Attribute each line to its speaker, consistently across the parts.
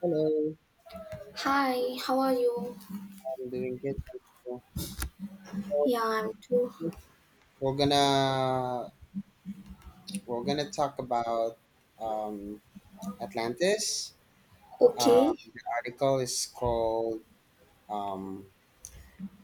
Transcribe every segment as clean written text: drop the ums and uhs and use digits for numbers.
Speaker 1: Hello,
Speaker 2: Hi, how are you?
Speaker 1: I'm doing good. Thank you. So
Speaker 2: Yeah, I'm too.
Speaker 1: we're gonna we're gonna talk about um, Atlantis.
Speaker 2: Okay.
Speaker 1: The article is called um,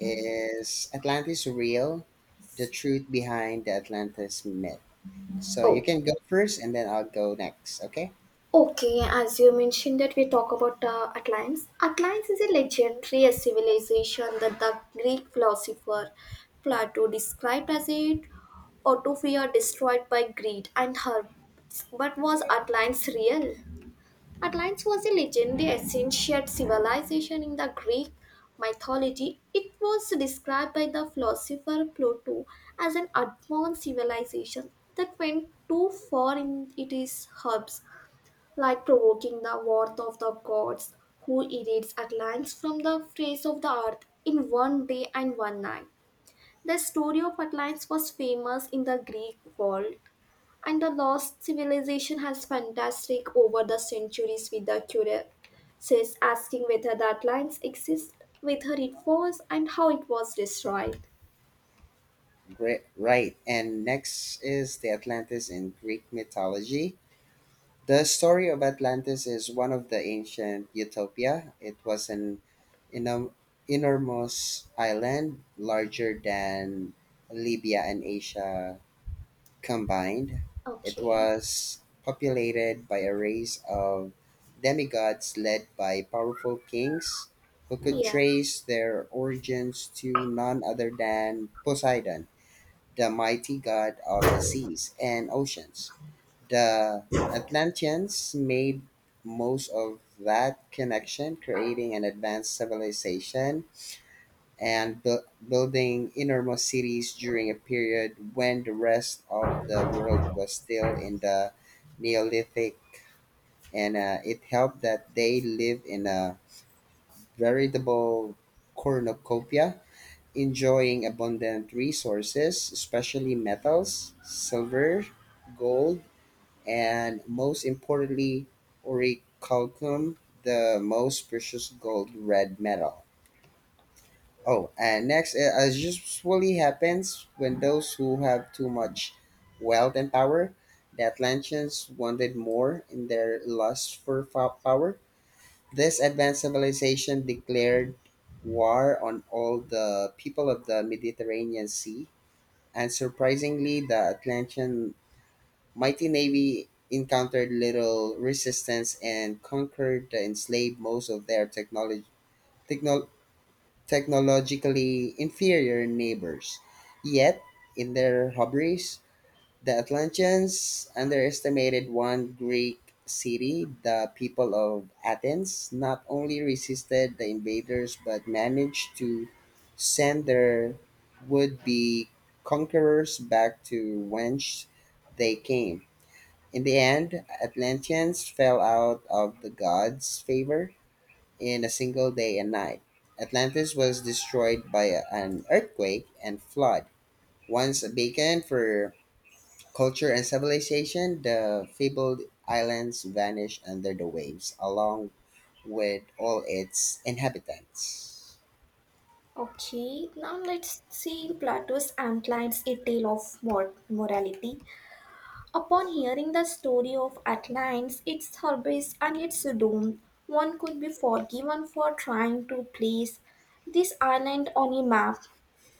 Speaker 1: "Is Atlantis Real? The Truth Behind the Atlantis Myth." So you
Speaker 2: Oh,
Speaker 1: can go first, and then I'll go next. Okay,
Speaker 2: okay. As you mentioned that we talk about Atlans. Atlans is a legendary civilization that the Greek philosopher Plato described as a utopia destroyed by greed and her. But was Atlans real? Athens was a legendary ancient civilization in the Greek mythology. It was described by the philosopher Plato as an advanced civilization that went too far in its hubs, like provoking the wrath of the gods, who erased Atlantis from the face of the earth in one day and one night. The story of Atlantis was famous in the Greek world and the lost civilization has fantastic over the centuries with the curious asking whether that lines exist, whether it was, and how it was destroyed.
Speaker 1: great. Right, and next is the Atlantis in Greek mythology. The story of Atlantis is one of the ancient utopia. It was an enorm- enormous island, larger than Libya and Asia combined. It
Speaker 2: Okay.
Speaker 1: was populated by a race of demigods led by powerful kings who could
Speaker 2: Yeah.
Speaker 1: trace their origins to none other than Poseidon, the mighty god of the seas and oceans. The Atlanteans made most of that connection, creating an advanced civilization and building enormous cities during a period when the rest of the world was still in the Neolithic. And it helped that they lived in a veritable cornucopia, enjoying abundant resources, especially metals, silver, gold, and most importantly, orichalcum, the most precious gold red metal. Oh, and next, as usually happens when those who have too much wealth and power, the Atlanteans wanted more in their lust for power. This advanced civilization declared war on all the people of the Mediterranean Sea, and surprisingly, the Atlantean mighty navy encountered little resistance and conquered and enslaved most of their technology, techno- technologically inferior neighbors. Yet, in their hubris, the Atlanteans underestimated one Greek city, the people of Athens, not only resisted the invaders but managed to send their would be conquerors back to whence they came in the end, Atlanteans fell out of the gods' favor in a single day and night. Atlantis was destroyed by an earthquake and flood. Once a beacon for culture and civilization, the fabled islands vanished under the waves, along with all its inhabitants.
Speaker 2: Okay, now let's see Plato's Ant lines A Tale of Morality. Upon hearing the story of Atlantis, its hubris, and its doom, one could be forgiven for trying to place this island on a map.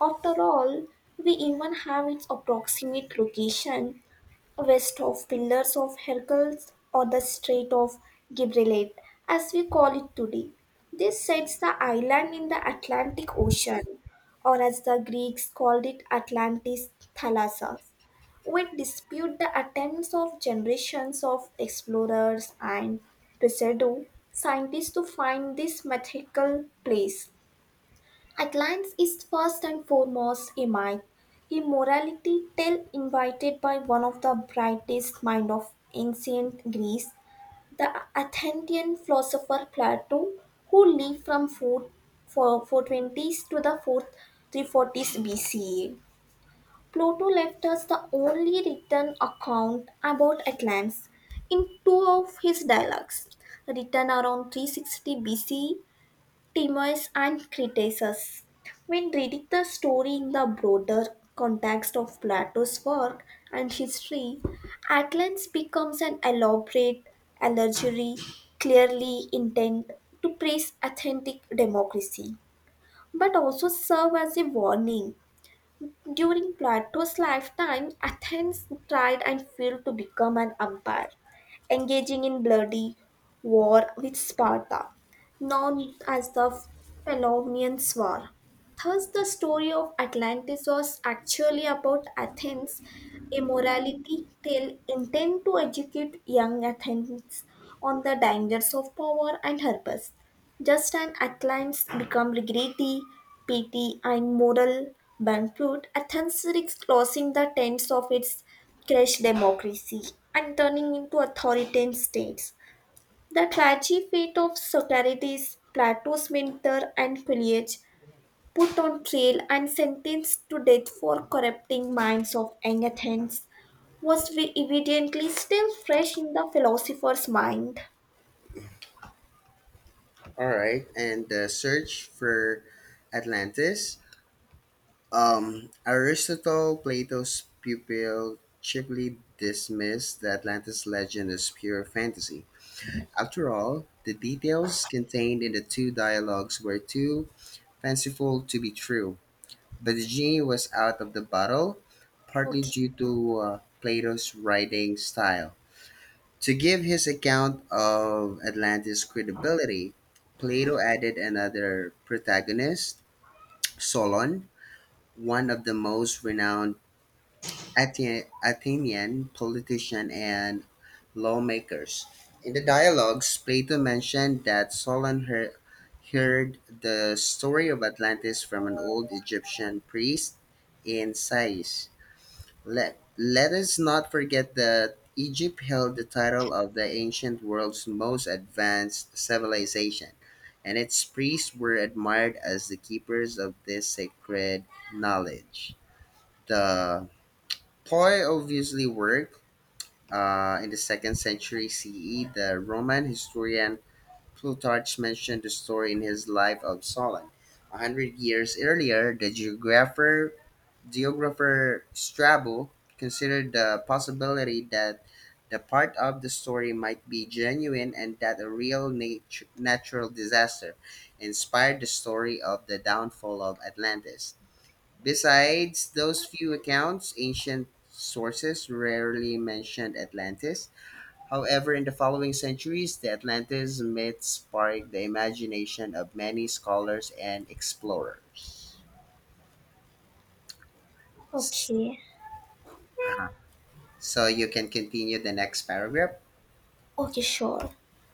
Speaker 2: After all, we even have its approximate location west of Pillars of Hercules or the Strait of Gibraltar, as we call it today. This sets the island in the Atlantic Ocean, or as the Greeks called it, Atlantis Thalassus. We dispute the attempts of generations of explorers and pseudo scientists to find this mythical place. Atlanta is first and foremost a myth, a morality tale invited by one of the brightest minds of ancient Greece, the Athenian philosopher Plato, who lived from 4, 4 420s to the 4th 340s BCE. Plato left us the only written account about Atlanta in two of his dialogues, written around 360 BCE Timaeus and Critias. When reading the story in the broader context of Plato's work and history, Athens becomes an elaborate allegory clearly intent to praise authentic democracy, but also serve as a warning during Plato's lifetime. Athens tried and failed to become an empire, engaging in bloody war with Sparta, known as the Peloponnesian War. Thus, the story of Atlantis was actually about Athens' immorality. They intend to educate young Athens on the dangers of power and her purpose. Just an acclaims become regretty, pity, and moral bankrupt, Athens risks losing the tenets of its crashed democracy and turning into authoritarian states. The tragic fate of Socrates, Plato's mentor, and Peleus, put on trial and sentenced to death for corrupting minds of young Athens, was evidently still fresh in the philosopher's mind.
Speaker 1: All right, and the search for Atlantis. Aristotle, Plato's pupil, cheaply dismissed the Atlantis legend as pure fantasy. After all, the details contained in the two dialogues were too fanciful to be true. But the genie was out of the bottle, partly
Speaker 2: Okay,
Speaker 1: due to Plato's writing style. To give his account of Atlantis credibility, Plato added another protagonist, Solon, one of the most renowned Athenian politicians and lawmakers. In the dialogues, Plato mentioned that Solon heard the story of Atlantis from an old Egyptian priest in Sais. Let us not forget that Egypt held the title of the ancient world's most advanced civilization, and its priests were admired as the keepers of this sacred knowledge. The poi obviously worked. In the second century CE, the Roman historian Plutarch mentioned the story in his Life of Solon. A hundred years earlier, the geographer Strabo considered the possibility that the part of the story might be genuine and that a real natural disaster inspired the story of the downfall of Atlantis. Besides those few accounts, ancient sources rarely mentioned Atlantis. However, in the following centuries, the Atlantis myth sparked the imagination of many scholars and explorers. S-
Speaker 2: okay.
Speaker 1: So you can continue the next paragraph.
Speaker 2: Okay, sure.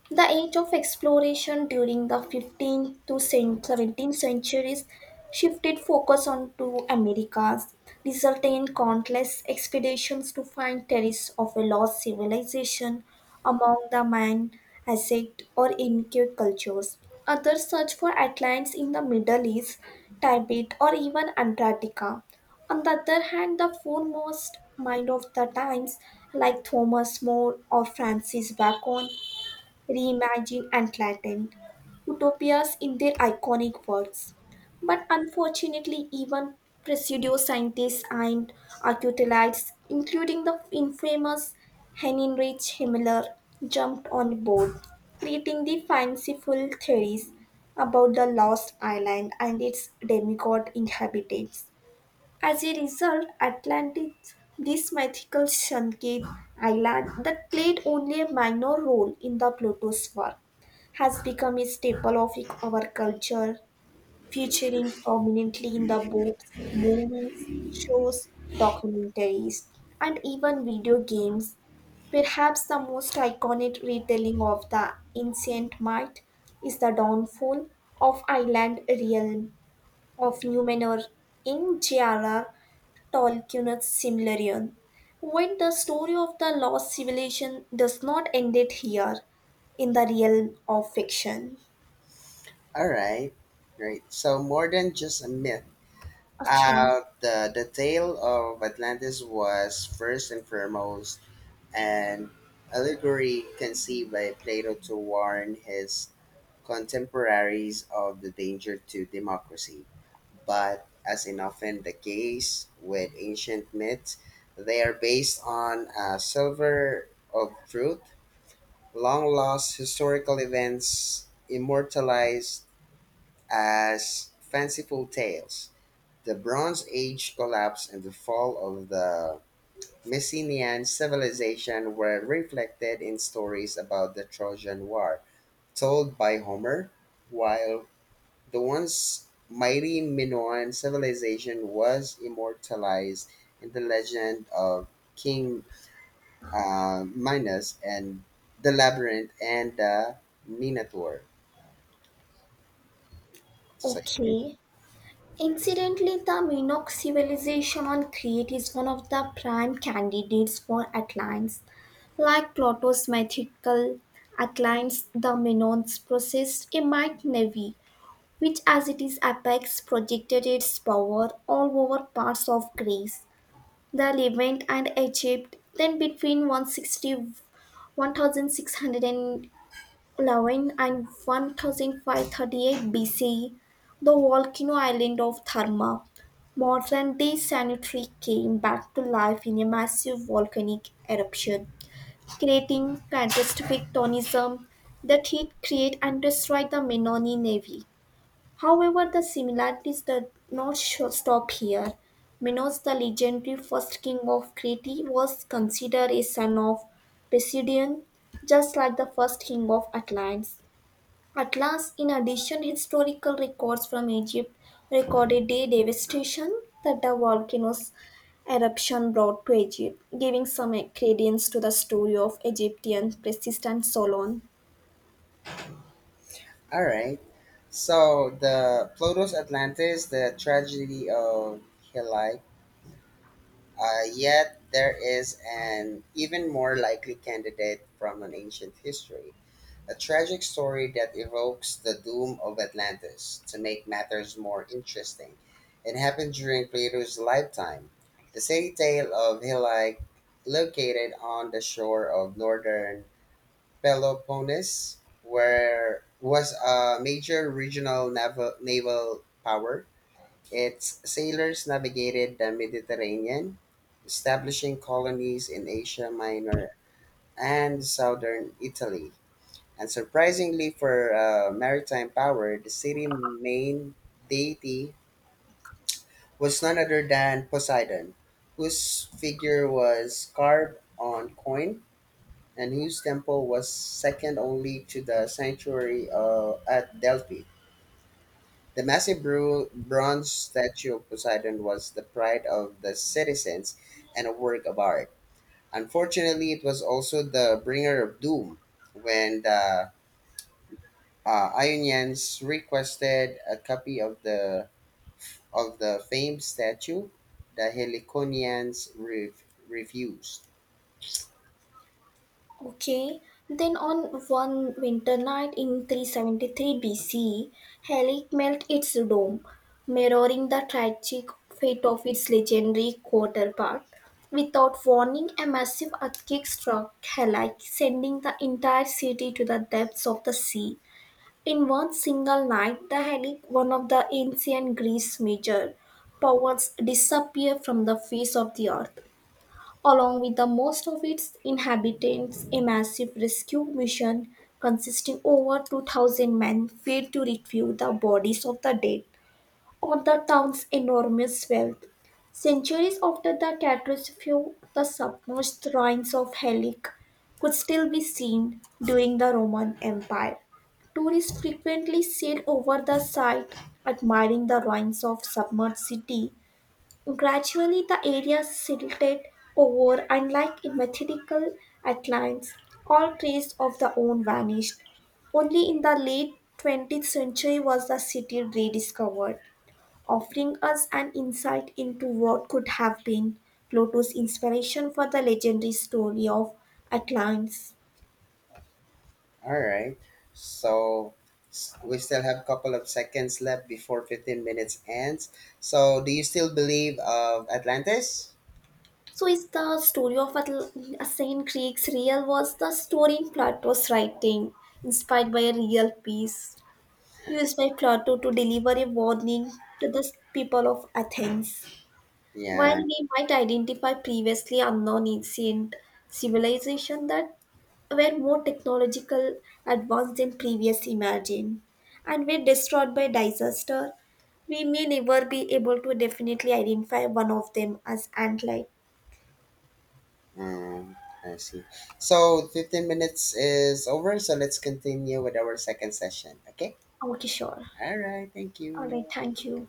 Speaker 2: The age of exploration during the 15th to 17th centuries shifted focus onto Americas, resulting in countless expeditions to find traces of a lost civilization among the Mayan, Aztec, or Inca cultures. Others searched for Atlantis in the Middle East, Tibet, or even Antarctica. On the other hand, the foremost mind of the times, like Thomas More or Francis Bacon, reimagined and flattened utopias in their iconic words. But unfortunately, even pseudo scientists and archaeologists, including the infamous Heinrich Himmler, jumped on board, creating the fanciful theories about the lost island and its demigod inhabitants. As a result, Atlantis, this mythical Shanket island that played only a minor role in the Pluto's work, has become a staple of our culture, featuring prominently in the books, movies, shows, documentaries, and even video games. Perhaps the most iconic retelling of the ancient might is the downfall of island realm of Numenor in J.R.R. Tolkien's Silmarillion. Yet the story of the lost civilization does not end it here in the realm of fiction.
Speaker 1: All right, great. So more than just a myth.
Speaker 2: Okay,
Speaker 1: The tale of Atlantis was first and foremost an allegory conceived by Plato to warn his contemporaries of the danger to democracy. But as in often the case with ancient myths, they are based on a silver of truth, long lost historical events immortalized as fanciful tales. The Bronze Age collapse and the fall of the Messenian civilization were reflected in stories about the Trojan War, told by Homer, while the once mighty Minoan civilization was immortalized in the legend of King Minos and the Labyrinth and the Minotaur. So you can,
Speaker 2: okay. Incidentally, the Minoc civilization on Crete is one of the prime candidates for Atlantis. Like Plato's mythical Atlantis, the Minoans possessed a might navy, which as it is apex projected its power all over parts of Greece, the Levant and Egypt. Then between one thousand six hundred eleven and 1538 five thirty eight B C, the volcano island of Therma, modern day sanitary, came back to life in a massive volcanic eruption, creating catastrophic tonism that hit, create, and destroy the Menominee Navy. However, the similarities did not stop here. Minos, the legendary first king of Crete, was considered a son of Poseidon, just like the first king of Atlantis. Atlas, in addition, historical records from Egypt recorded the devastation that the volcano's eruption brought to Egypt, giving some credence to the story of Egyptian persistent Solon.
Speaker 1: all right. So the Plato's Atlantis, the tragedy of Heli. Yet there is an even more likely candidate from an ancient history. A tragic story that evokes the doom of Atlantis. To make matters more interesting, it happened during Plato's lifetime. The city tale of Hylai, located on the shore of northern Peloponnese, where was a major regional naval power. Its sailors navigated the Mediterranean, establishing colonies in Asia Minor and southern Italy. And surprisingly for a maritime power, the city's main deity was none other than Poseidon, whose figure was carved on coin and whose temple was second only to the sanctuary at Delphi. The massive bronze statue of Poseidon was the pride of the citizens and a work of art. Unfortunately, it was also the bringer of doom when the Ionians requested a copy of the famed statue. The Heliconians refused.
Speaker 2: Okay, then on one winter night in 373 BC, Helic melted its dome, mirroring the tragic fate of its legendary counterpart. Without warning, a massive earthquake struck Helic, sending the entire city to the depths of the sea. In one single night, the Helic, one of the ancient Greece major powers, disappeared from the face of the earth along with the most of its inhabitants. A massive rescue mission consisting over 2,000 men failed to retrieve the bodies of the dead or the town's enormous wealth. Centuries after the catastrophe, the submerged ruins of Helic could still be seen during the Roman Empire. Tourists frequently sail over the site, admiring the ruins of submerged city. Gradually the area silted over and like in methodical outlines, all trace of the own vanished. Only in the late 20th century was the city rediscovered, offering us an insight into what could have been Plato's inspiration for the legendary story of Atlans.
Speaker 1: All right, so we still have a couple of seconds left before 15 minutes ends. So, do you still believe of Atlantis?
Speaker 2: So, is the story of Athenian Greeks real? Was the story in Plato's writing inspired by a real piece? Used by Plato to deliver a warning to the people of Athens. While
Speaker 1: Yeah,
Speaker 2: we might identify previously unknown ancient civilizations that were more technological advanced than previous imagined and were destroyed by disaster, we may never be able to definitely identify one of them as ant-like.
Speaker 1: um, I see. So, 15 minutes is over. So let's continue with our second session. Okay.
Speaker 2: Okay, sure.
Speaker 1: All right. Thank
Speaker 2: All right,
Speaker 1: you.
Speaker 2: thank you.